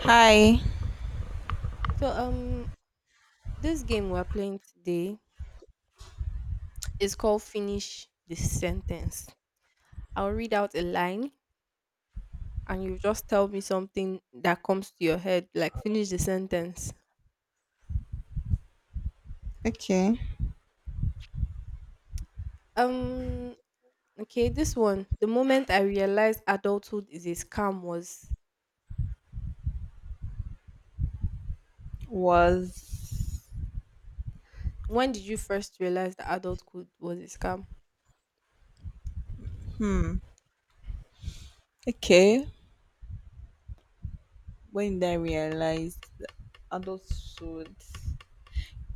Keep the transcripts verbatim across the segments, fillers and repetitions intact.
Hi. Okay. Was Hmm. Okay. When did I realize that adulthood?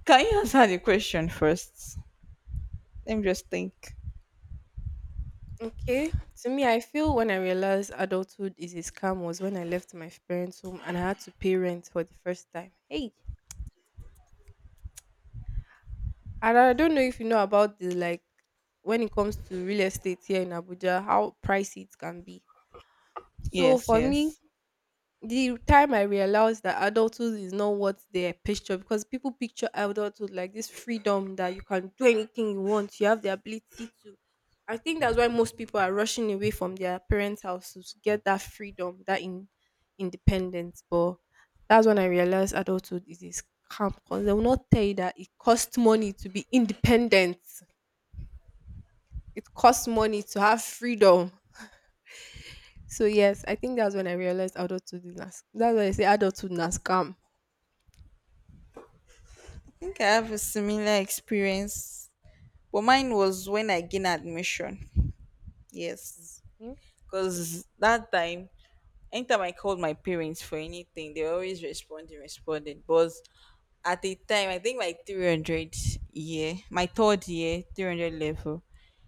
Can you answer the question first? Let me just think. Yes, yes. I think I have a similar experience, but mine was when I gained admission. Yes, because that time, anytime I called my parents for anything, they were always responding, responding. But at the time, I think my 300 year my third year, three hundred level,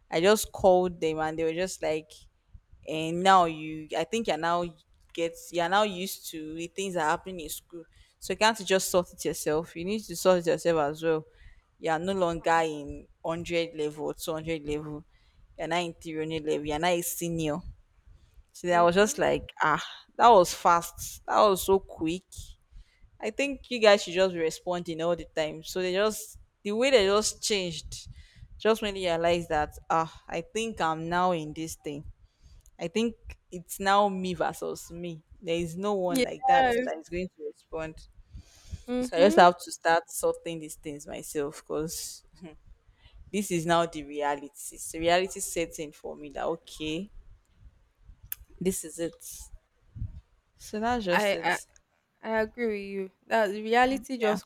I just called them and they were just like, and now, you I think you're now get you're now used to the things that happen in school. So you can't just sort it yourself, you need to sort it yourself as well. You are no longer in one hundred level, two hundred level, you're not in three hundred level, you're not a senior. So I was just like, ah that was fast, that was so quick. I think you guys should just be responding all the time. So they just the way they just changed, just when they realized that ah, I think I'm now in this thing. I think it's now me versus me. There is no one like that that is going to respond. So I just have to start sorting these things myself because this is now the reality. It's the reality setting for me that okay, this is it. So that's just it. Yeah.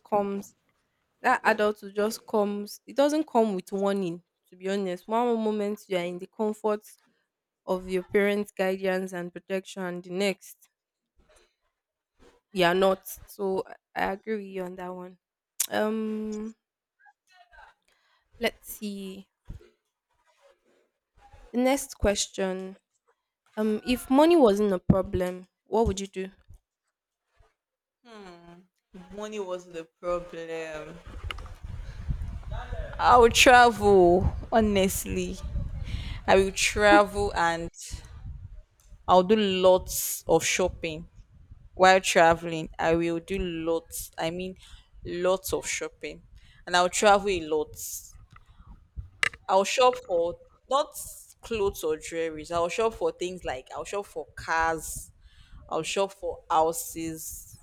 Money wasn't the problem. I will travel, honestly. I will travel and I'll do lots of shopping. While traveling, I will do lots, I mean, lots of shopping. And I'll travel a lot. I'll shop for not clothes or jewelries. I'll shop for things like I'll shop for cars, I'll shop for houses,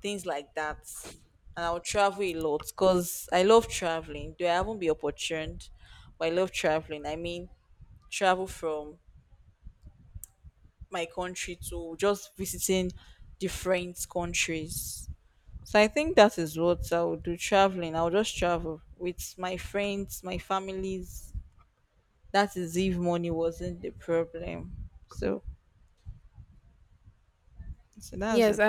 things like that. And I'll travel a lot because I love traveling. Though I haven't been opportuned, but I love traveling. I mean, travel from my country to just visiting different countries. So I think that is what I will do, traveling. I'll just travel with my friends, my families. That is if money wasn't the problem. So, so that's it.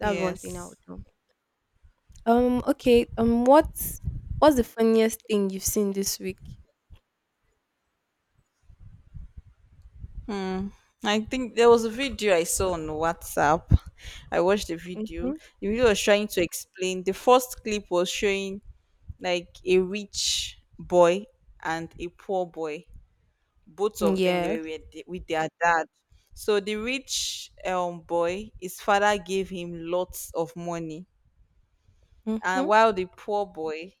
Yes. I think there was a video I saw on WhatsApp. I watched the video. The video was trying to explain. The first clip was showing like a rich boy and a poor boy, both of them, they were with with their dad. So the rich um boy, his father gave him lots of money. And while the poor boy,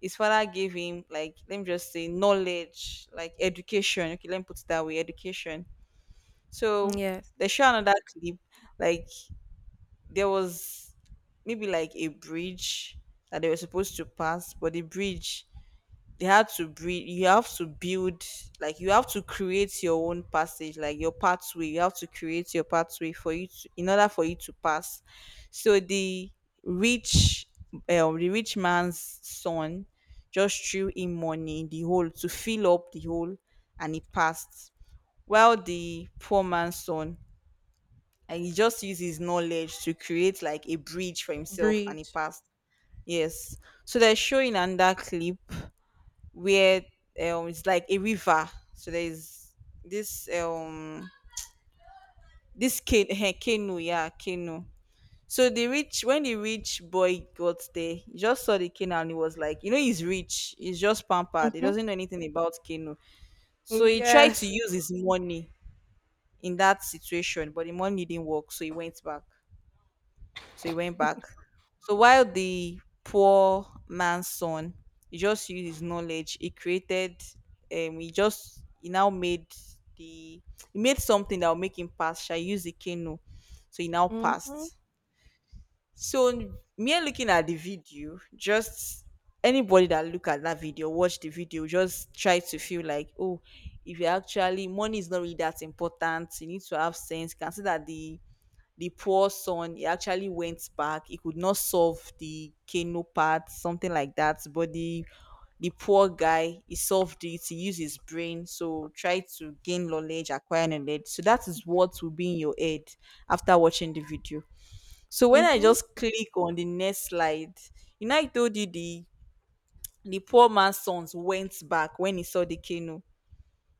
his father gave him like, let me just say knowledge, like education. Okay, let me put it that way, education. So they show another clip, like there was maybe like a bridge that they were supposed to pass, but the bridge, they had to breed, you have to build. Like, you have to create your own passage, like your pathway. You have to create your pathway for you to, in order for you to pass. So the rich um, the rich man's son just threw in money in the hole to fill up the hole, and he passed. While the poor man's son, and he just used his knowledge to create like a bridge for himself, and he passed. Yes. So they're showing another clip where um it's like a river. So there's this um this can- eh, canoe, yeah, canoe. So the rich when the rich boy got there, he just saw the canoe and he was like, you know, he's rich, he's just pampered, he doesn't know anything about canoe. So he tried to use his money in that situation, but the money didn't work, so he went back. So he went back. So while the poor man's son, he just used his knowledge. He created, um, he just he now made the he made something that will make him pass. Shall use the canoe, so he now passed. So me looking at the video, just anybody that look at that video, watch the video, just try to feel like, oh, if you actually money is not really that important, you need to have sense. Consider the the poor son, he actually went back, he could not solve the canoe part, something like that. But the the poor guy, he solved it, he used his brain. So try to gain knowledge, acquire knowledge, so that is what will be in your head after watching the video. So when I just click on the next slide, you know I told you the the poor man's sons went back when he saw the canoe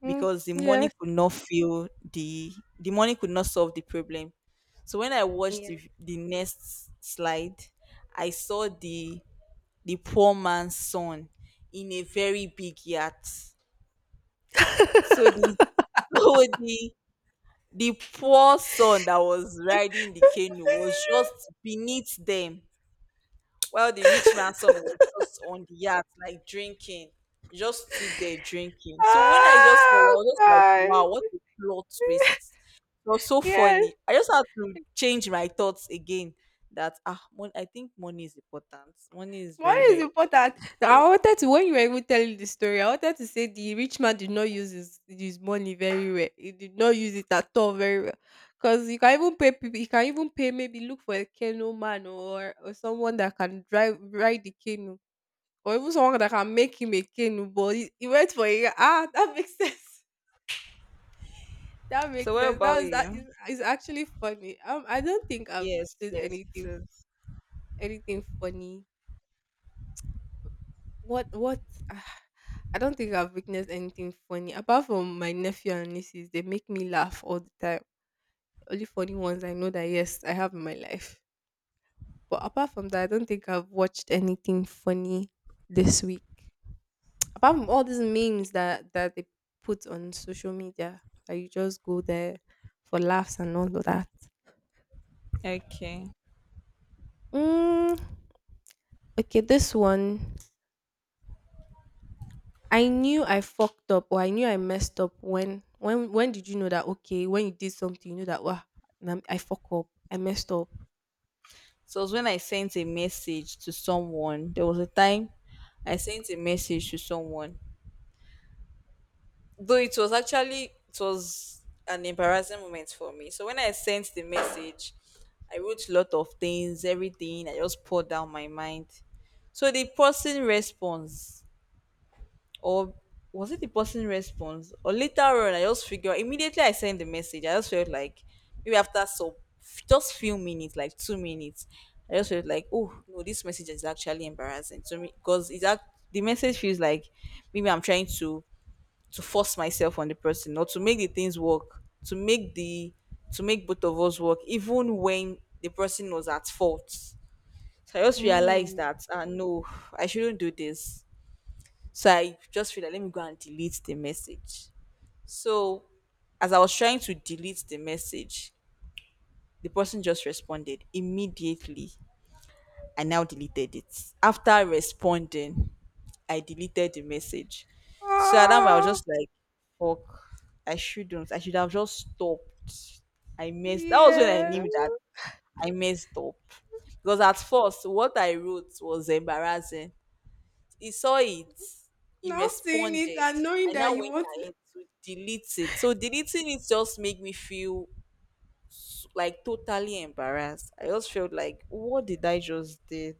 because the money could not fill the the money could not solve the problem. So when I watched the, the next slide, I saw the the poor man's son in a very big yacht. So the so the the poor son that was riding the canoe was just beneath them. While the rich man's son was just on the yacht, like drinking, just stood there drinking. So when I just saw it, I Oh, was just like, wow, God. what a plot twist. It was so funny. I just had to change my thoughts again that ah, mon- I think money is important. Money is very, very important. So what about you? Yes, yes, it is. Okay. So it was when I sent a message to someone. There was a time I sent a message to someone. Though it was actually it was an embarrassing moment for me. So when I sent the message, I wrote a lot of things, everything. I just poured down my mind. So the person responds, or was it the person response? Or later on, I just figure immediately I sent the message. I just felt like, maybe after so just few minutes, like two minutes, I just felt like, oh no, this message is actually embarrassing to me because it's act- the message feels like, maybe I'm trying to to force myself on the person, or to make the things work, to make the to make both of us work, even when the person was at fault. So I just realized that ah no, I shouldn't do this. So I just feel like, let me go and delete the message. So as I was trying to delete the message, the person just responded immediately. I now deleted it. After responding, I deleted the message. So at that moment, I was just like, fuck, I shouldn't. I should have just stopped. I messed. That was when I knew that I messed up. Because at first, what I wrote was embarrassing. He saw it. He responded. I now went ahead to delete it. So deleting it just made me feel s- like totally embarrassed. I just felt like, what did I just did?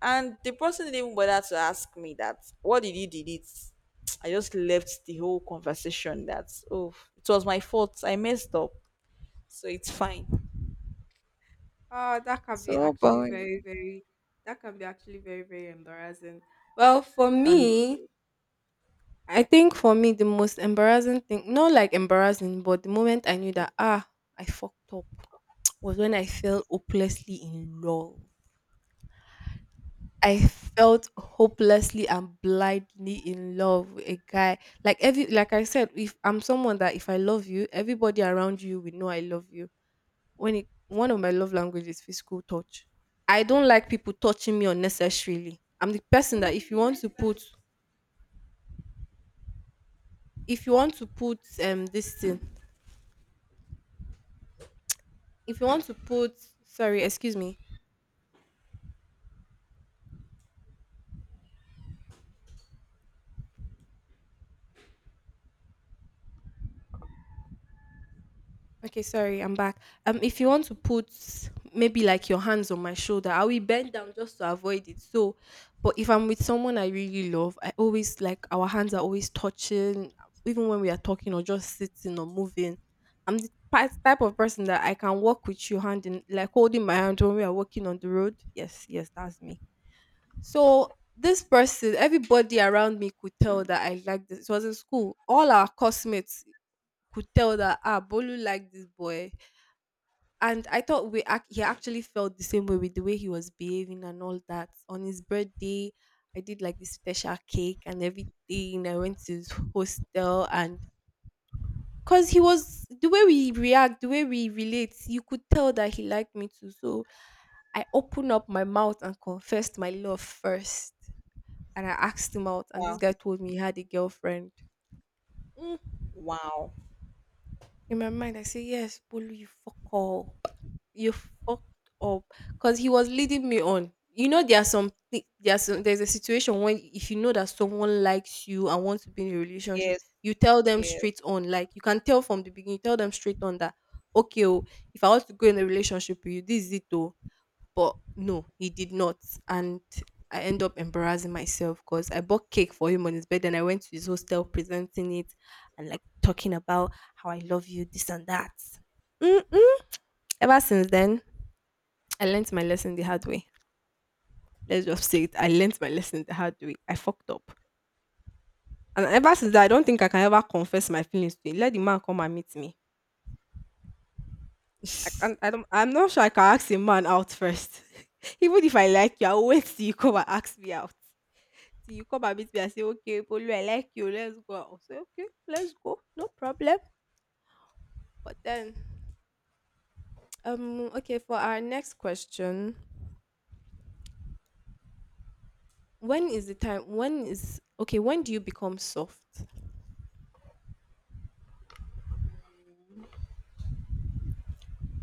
And the person didn't even bother to ask me that, what did you delete? I just left the whole conversation that, oh, it was my fault. I messed up. So it's fine. So how about you? Honestly. Wow. Wow. Yes.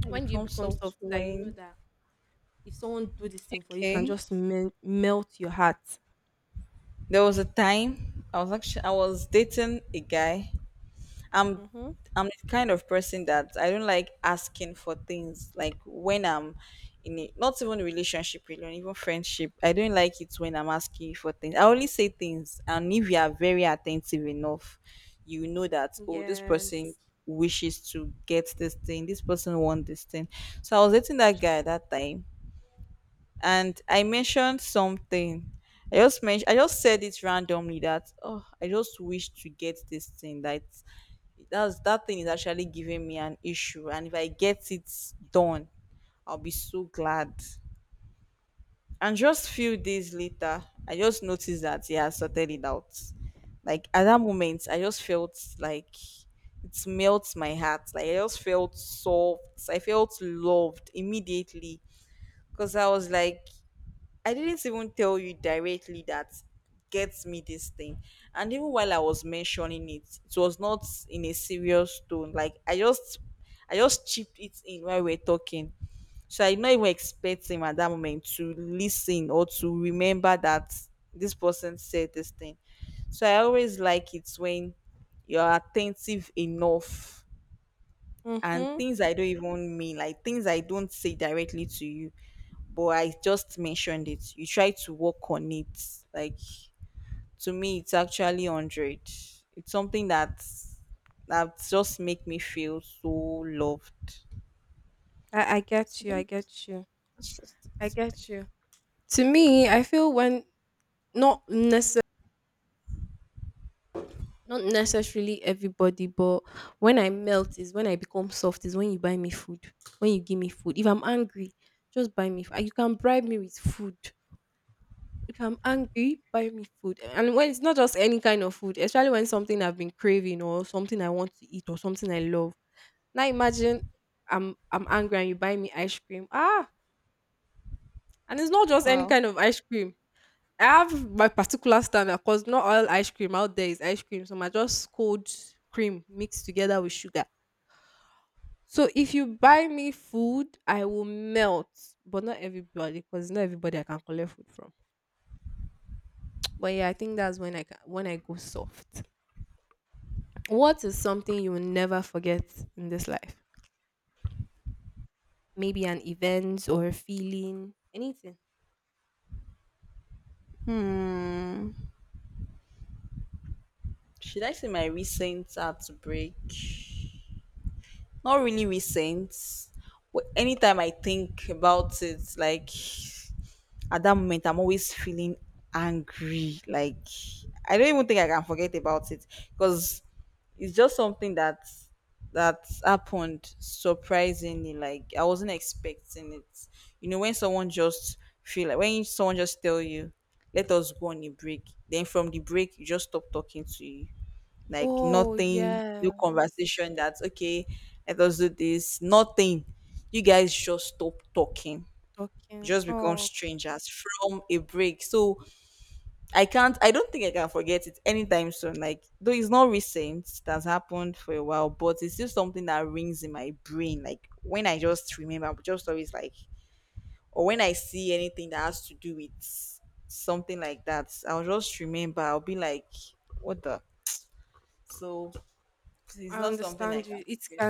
I become soft when. Okay. There was a time, I was actually I was dating a guy. I'm I'm the kind of person that I don't like asking for things. Like when I'm in a, not even relationship alone, even friendship. I don't like it when I'm asking you for things. I only say things, and if you are very attentive enough, you know that, oh, this person wishes to get this thing, this person wants this thing. So I was dating that guy at that time and I mentioned something. I just mentioned, I just said it randomly that, oh, I just wish to get this thing. That that's that thing is actually giving me an issue, and if I get it done, I'll be so glad. And just few days later, I just noticed that yeah, I sorted it out. Like at that moment, I just felt like, it melts my heart. Like I just felt soft. I felt loved immediately because I was like, I didn't even tell you directly that, gets me this thing. And even while I was mentioning it, it was not in a serious tone. Like I just I just chipped it in while we are talking. So I not even expect him at that moment to listen or to remember that this person said this thing. So I always like it when you're attentive enough and things I don't even mean, like things I don't say directly to you, but I just mentioned it, you try to work on it. Like to me, it's actually hundred. It's something that that just make me feel so loved. So that's just, that's just it. Wow. Hmm. Should I say my recent heartbreak? Not really recent. But anytime I think about it, like at that moment I'm always feeling angry, like I don't even think I can forget about it because it's just something that that happened surprisingly. Like, I wasn't expecting it. You know, when someone just feel like, when someone just tell you, let us go on a break, then from the break you just stop talking to you. Like nothing, no conversation. That's okay, let us do this, nothing. You guys just stop talking, just become strangers from a break. So I can't, I don't think I can forget it anytime soon. Like, though it's not recent, it has happened for a while, but it's still something that rings in my brain. Like, when I just remember, I'm just always like, or when I see anything that has to do with something like that, I'll just remember, I'll be like, what the? So it's not something I can forget.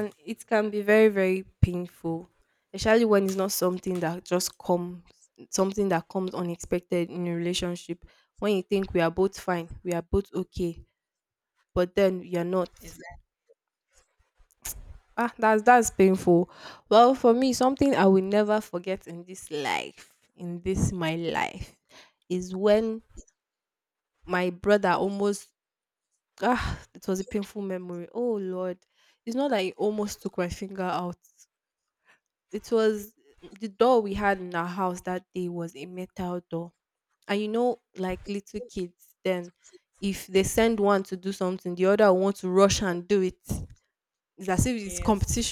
Is that yes?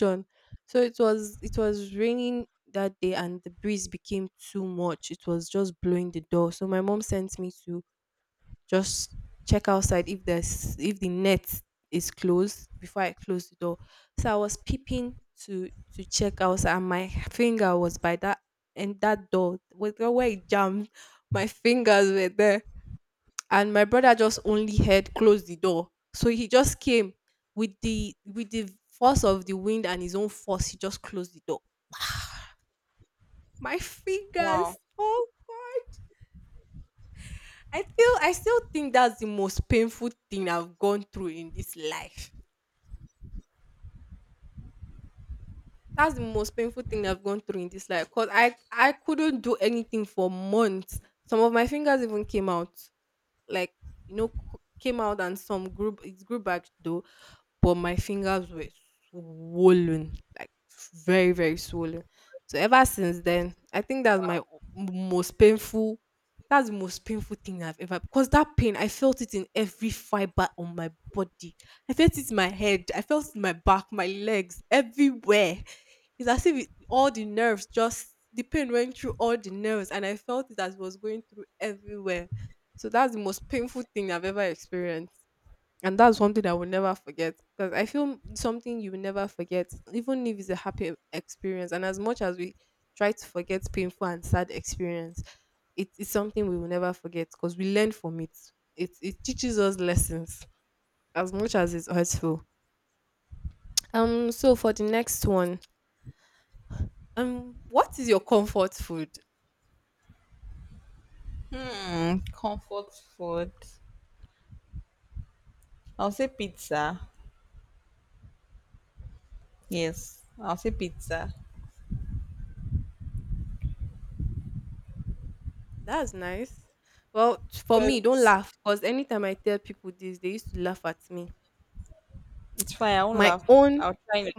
Wow. Hmm. Comfort food. I'll say pizza. Yes, I'll say pizza because it's fine. I won't laugh, I'll try it.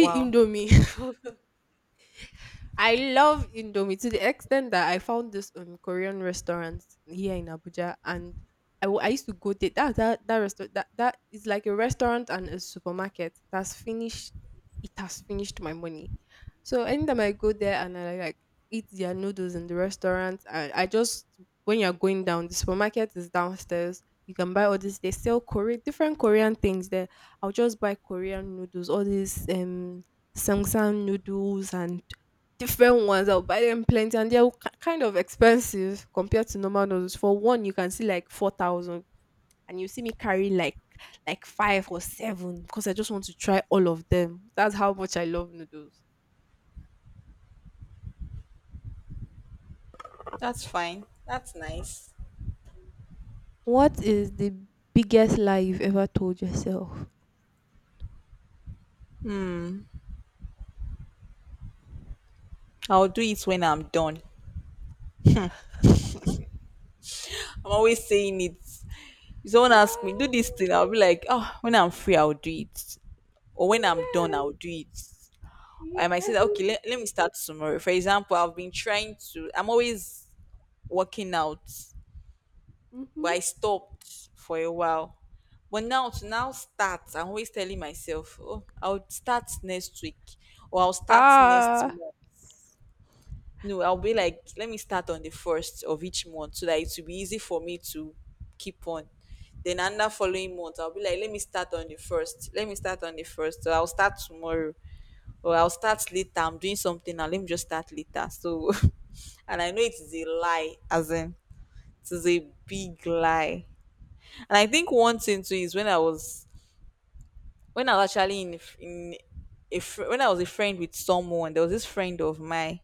Wow, that's fine. That's nice. Hmm. I'll do it when I'm done. I'm always saying it. If someone asks me, do this thing, I'll be like, oh, when I'm free, I'll do it. Or when I'm done, I'll do it. I might say that, okay, let, let me start tomorrow. For example, I've been trying to, I'm always working out, but I stopped for a while. But now to now start, I'm always telling myself, oh, I'll start next week or I'll start next month. No, I'll be like, let me start on the first of each month so that it will be easy for me to keep on. Then under following month, I'll be like, let me start on the first. Let me start on the first. So I'll start tomorrow. Or I'll start later. I'm doing something now, let me just start later. So and I know it is a lie, as in it is a big lie. And I think one thing too is when I was, when I was actually in in a fr- when I was a friend with someone, there was this friend of mine.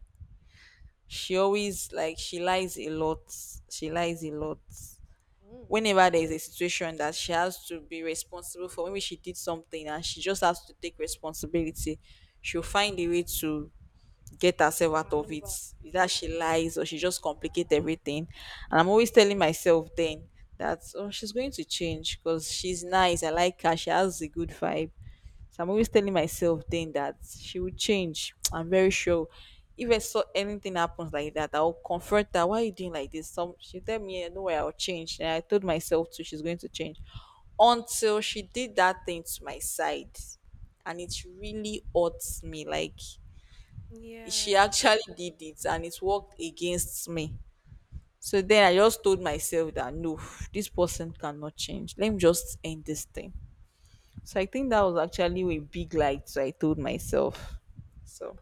She always, like, she lies a lot. She lies a lot. Whenever there's a situation that she has to be responsible for, maybe she did something and she just has to take responsibility, she'll find a way to get herself out of it. Either she lies or she just complicate everything. And I'm always telling myself then that, oh, she's going to change because she's nice, I like her, she has a good vibe. So I'm always telling myself then that she will change. I'm very sure. If I saw anything happens like that, I'll confront her. Why are you doing like this? Some she tell me, "Yeah, no way, I'll change." And I told myself too, she's going to change. Until she did that thing to my side, and it really hurts me. Like, she actually did it, and it worked against me. So then I just told myself that no, this person cannot change. Let me just end this thing. So I think that was actually a big light. So I told myself. So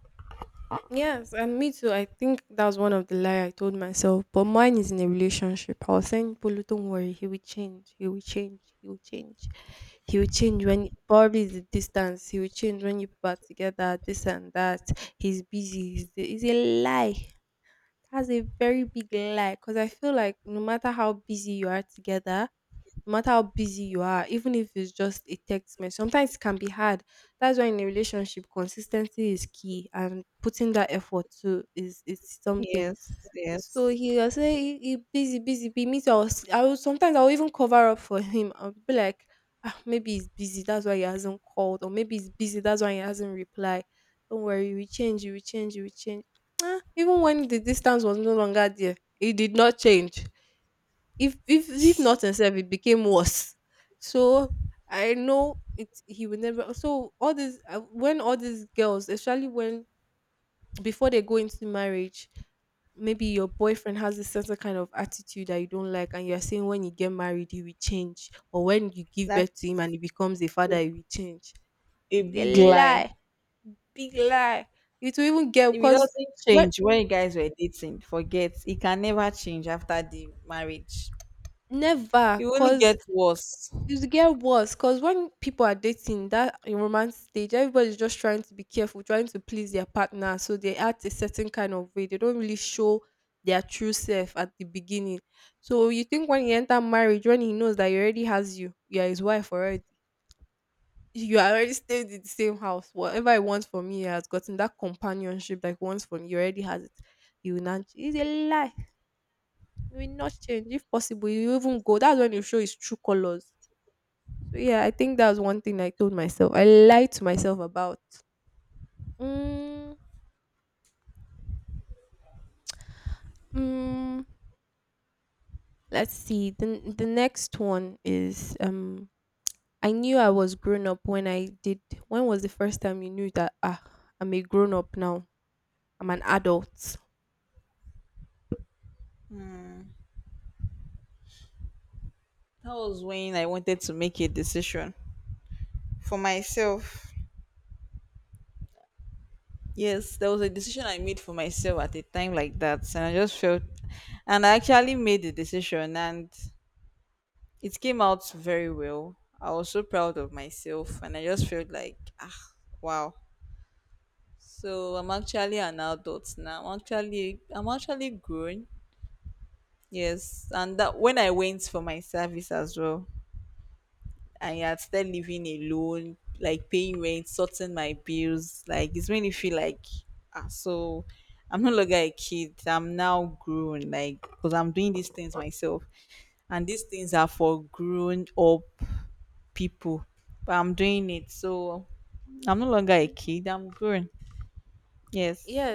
yes, yes. That's a big lie. If it doesn't change when you guys were dating, forget. It can never change after the marriage. It only gets worse. That was when I wanted to make a decision for myself. Yes, there was a decision I made for myself at a time like that, and I just felt, and I actually made the decision, and it came out very well. I was so proud of myself and I just felt like, ah, wow. So I'm actually an adult now. I'm actually, I'm actually grown. Yes. And that when I went for my service as well, I had started living alone, like paying rent, sorting my bills. Like, it's made me feel like, ah, so I'm no longer a kid. I'm now grown, like, because I'm doing these things myself. And these things are for grown up people, but I'm doing it. So I'm no longer a kid, I'm grown. Yes.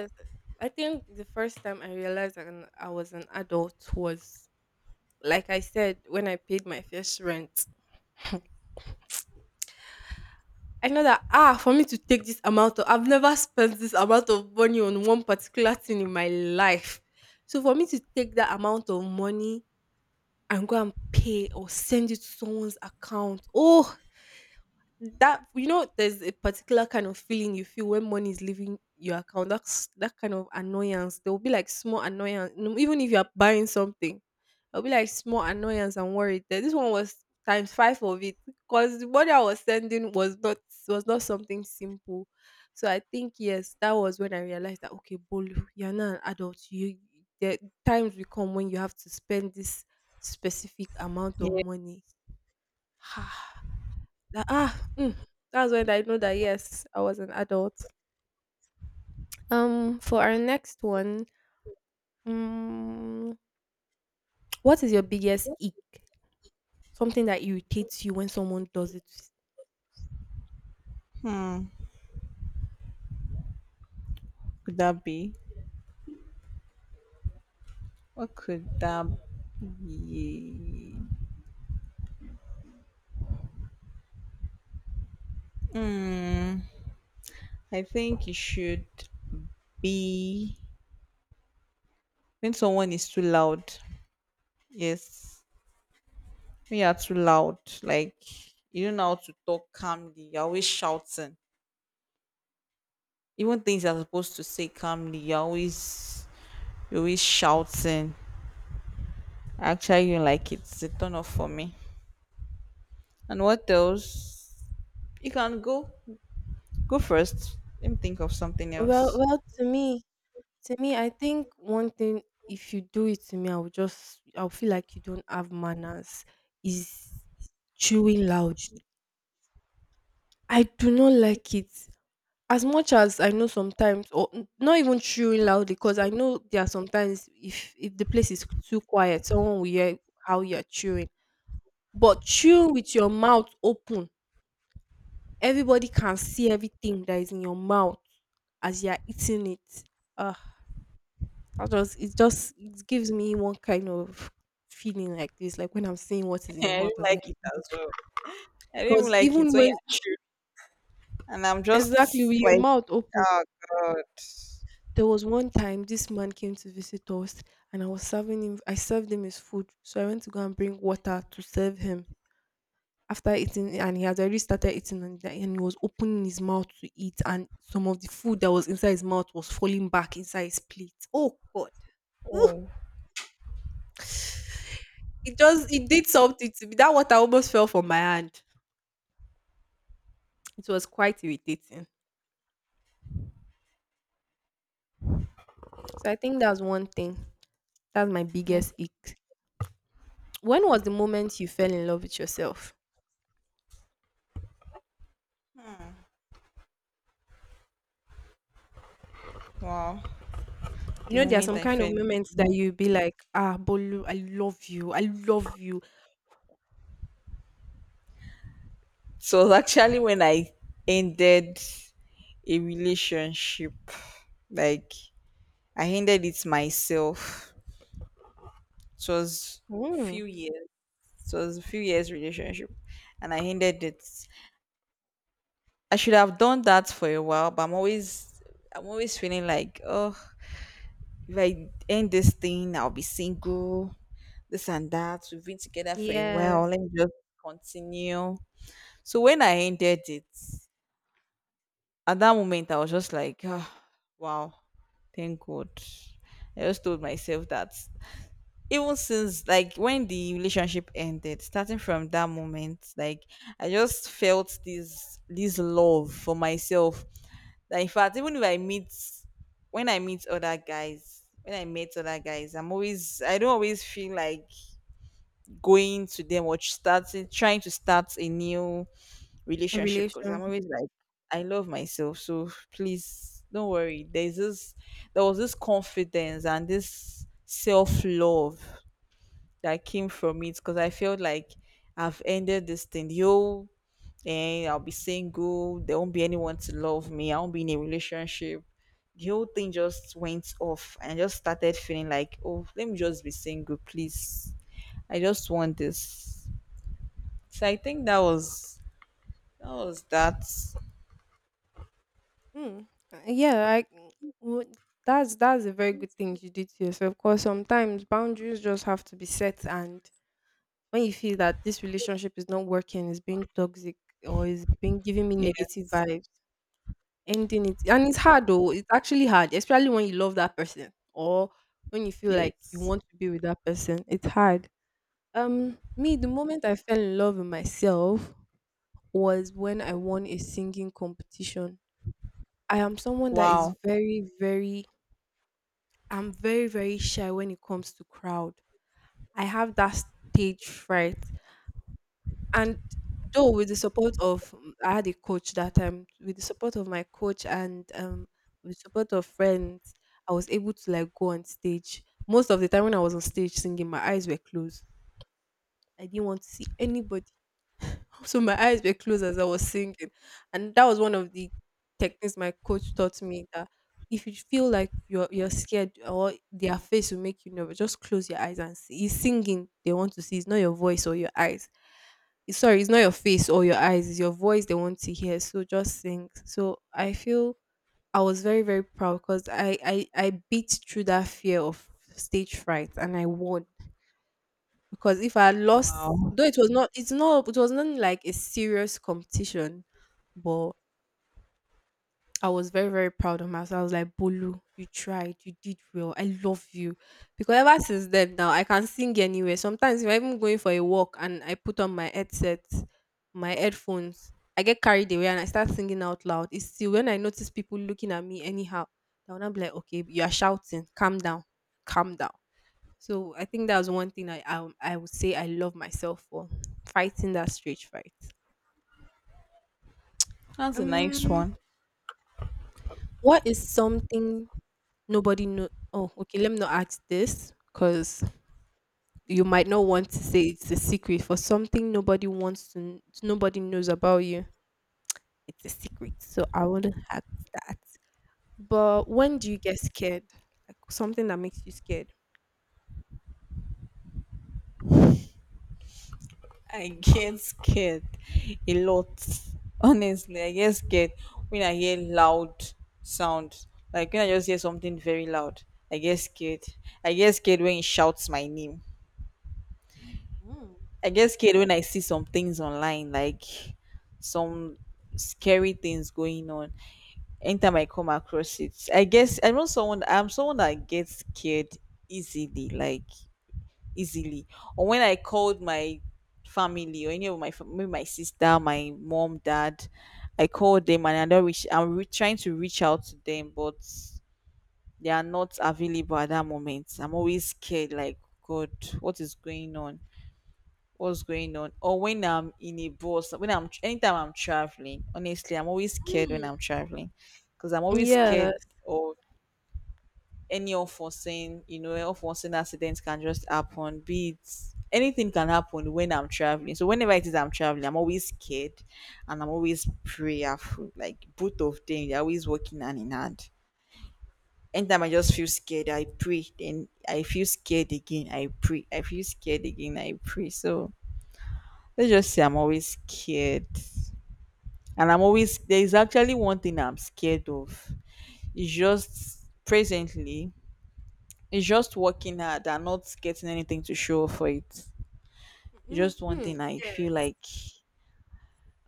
Yeah. Hmm. Could that be, what could that be? Hmm. I think it should be when someone is too loud. Yes, when you are too loud. Like, you don't know how to talk calmly, you're always shouting. Even things you're supposed to say calmly, you're always, you're always shouting. I actually don't like it. It's a turn off for me. And what else? You can go. Go first, let me think of something else. I don't like it as well. I don't even like it when you're true. And I'm just like, oh god. Oh. Like, wow. The moment I fell in love. So it was actually when I ended a relationship. Like, I ended it myself. It was few years. So it was a few years relationship, and I ended it. I should have done that for a while, but I'm always, I'm always feeling like, oh, if I end this thing, I'll be single. This and that. We've been together for a while, let me just continue. So when I ended it, at that moment, I was just like, oh, wow, thank God. I just told myself that, even since, like, when the relationship ended, starting from that moment, like, I just felt this this love for myself, that in fact, even if I meet, when I meet other guys, when I meet other guys, I'm always, I don't always feel like going to them or starting, trying to start a new relationship, because I'm always like, I love myself, so please don't worry. There's this there was this confidence and this self-love that came from it because I felt like I've ended this thing. Yo, and I'll be single. There won't be anyone to love me. I won't be in a relationship. The whole thing just went off and I just started feeling like, oh, let me just be single, please. I just want this. So I think that was, that was that. Yes. Yes. Wow. Wow. That's a nice one. I get scared a lot. Honestly, I get scared when I hear loud sound. Like, when I just hear something very loud, I get scared. I get scared when it shouts my name. I get scared when I see some things online, like some scary things going on. Anytime I come across it, I guess I know someone. I'm someone that gets scared easily. Like, easily. Or when I called my family or any of my fam- maybe my sister, my mom, dad, I called them and I don't reach, I'm re- trying to reach out to them but they are not available at that moment, I'm always scared like, god, what is going on, what's going on? Or when I'm in a bus, when I'm, anytime I'm traveling, honestly, I'm always scared when I'm traveling, because I'm always scared of any unforeseen, you know, unforeseen accidents can just happen. Be it anything can happen when I'm traveling. So whenever it is I'm traveling, I'm always scared and I'm always prayerful. Like, both of them, they're always working hand in hand. Anytime I just feel scared, I pray. Then I feel scared again, I pray. I feel scared again, I pray. So let's just say I'm always scared. And I'm always, there is actually one thing I'm scared of. It's just presently, it's just working hard and not getting anything to show for it. It's just one thing I feel like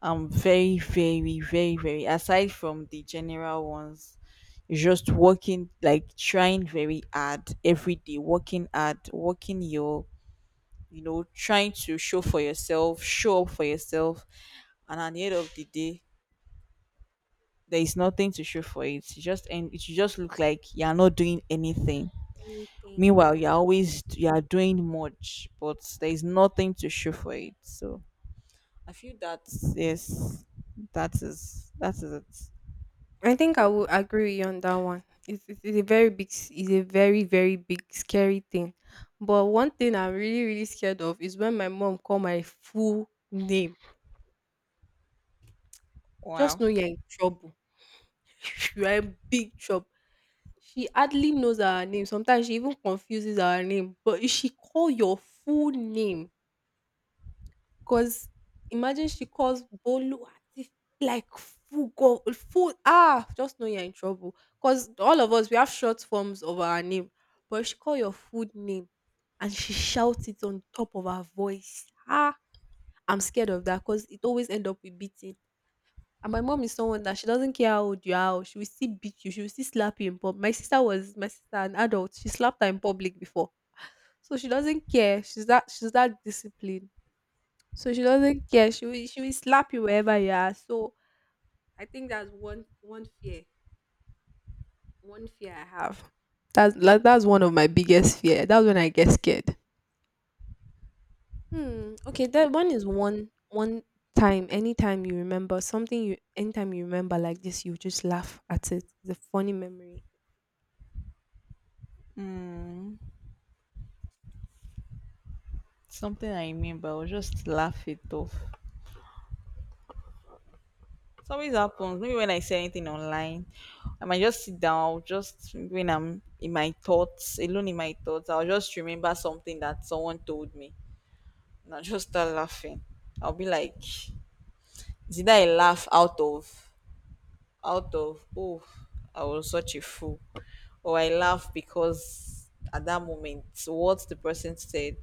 I'm very, very, very, very, aside from the general ones, it's just working, like trying very hard every day, working hard, working your, you know, trying to show for yourself, show up for yourself, and at the end of the day, there is nothing to show for it. You just, and it should just look like you are not doing anything. Meanwhile, you're always, you are doing much, but there is nothing to show for it. So I feel that, yes, that is, that is it. Wow. Mm, something I remember, I will just laugh it off. It always happens. Maybe when I say anything online, I might just sit down, I'll just, when I'm in my thoughts, alone in my thoughts, I'll just remember something that someone told me. And I'll just start laughing. I'll be like, did I laugh out of out of oh, I was such a fool. Or I laugh because at that moment what the person said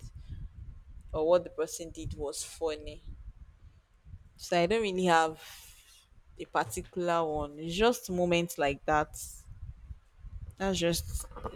or what the person did was funny. So I don't really have a particular one, it's just moments like that. That's just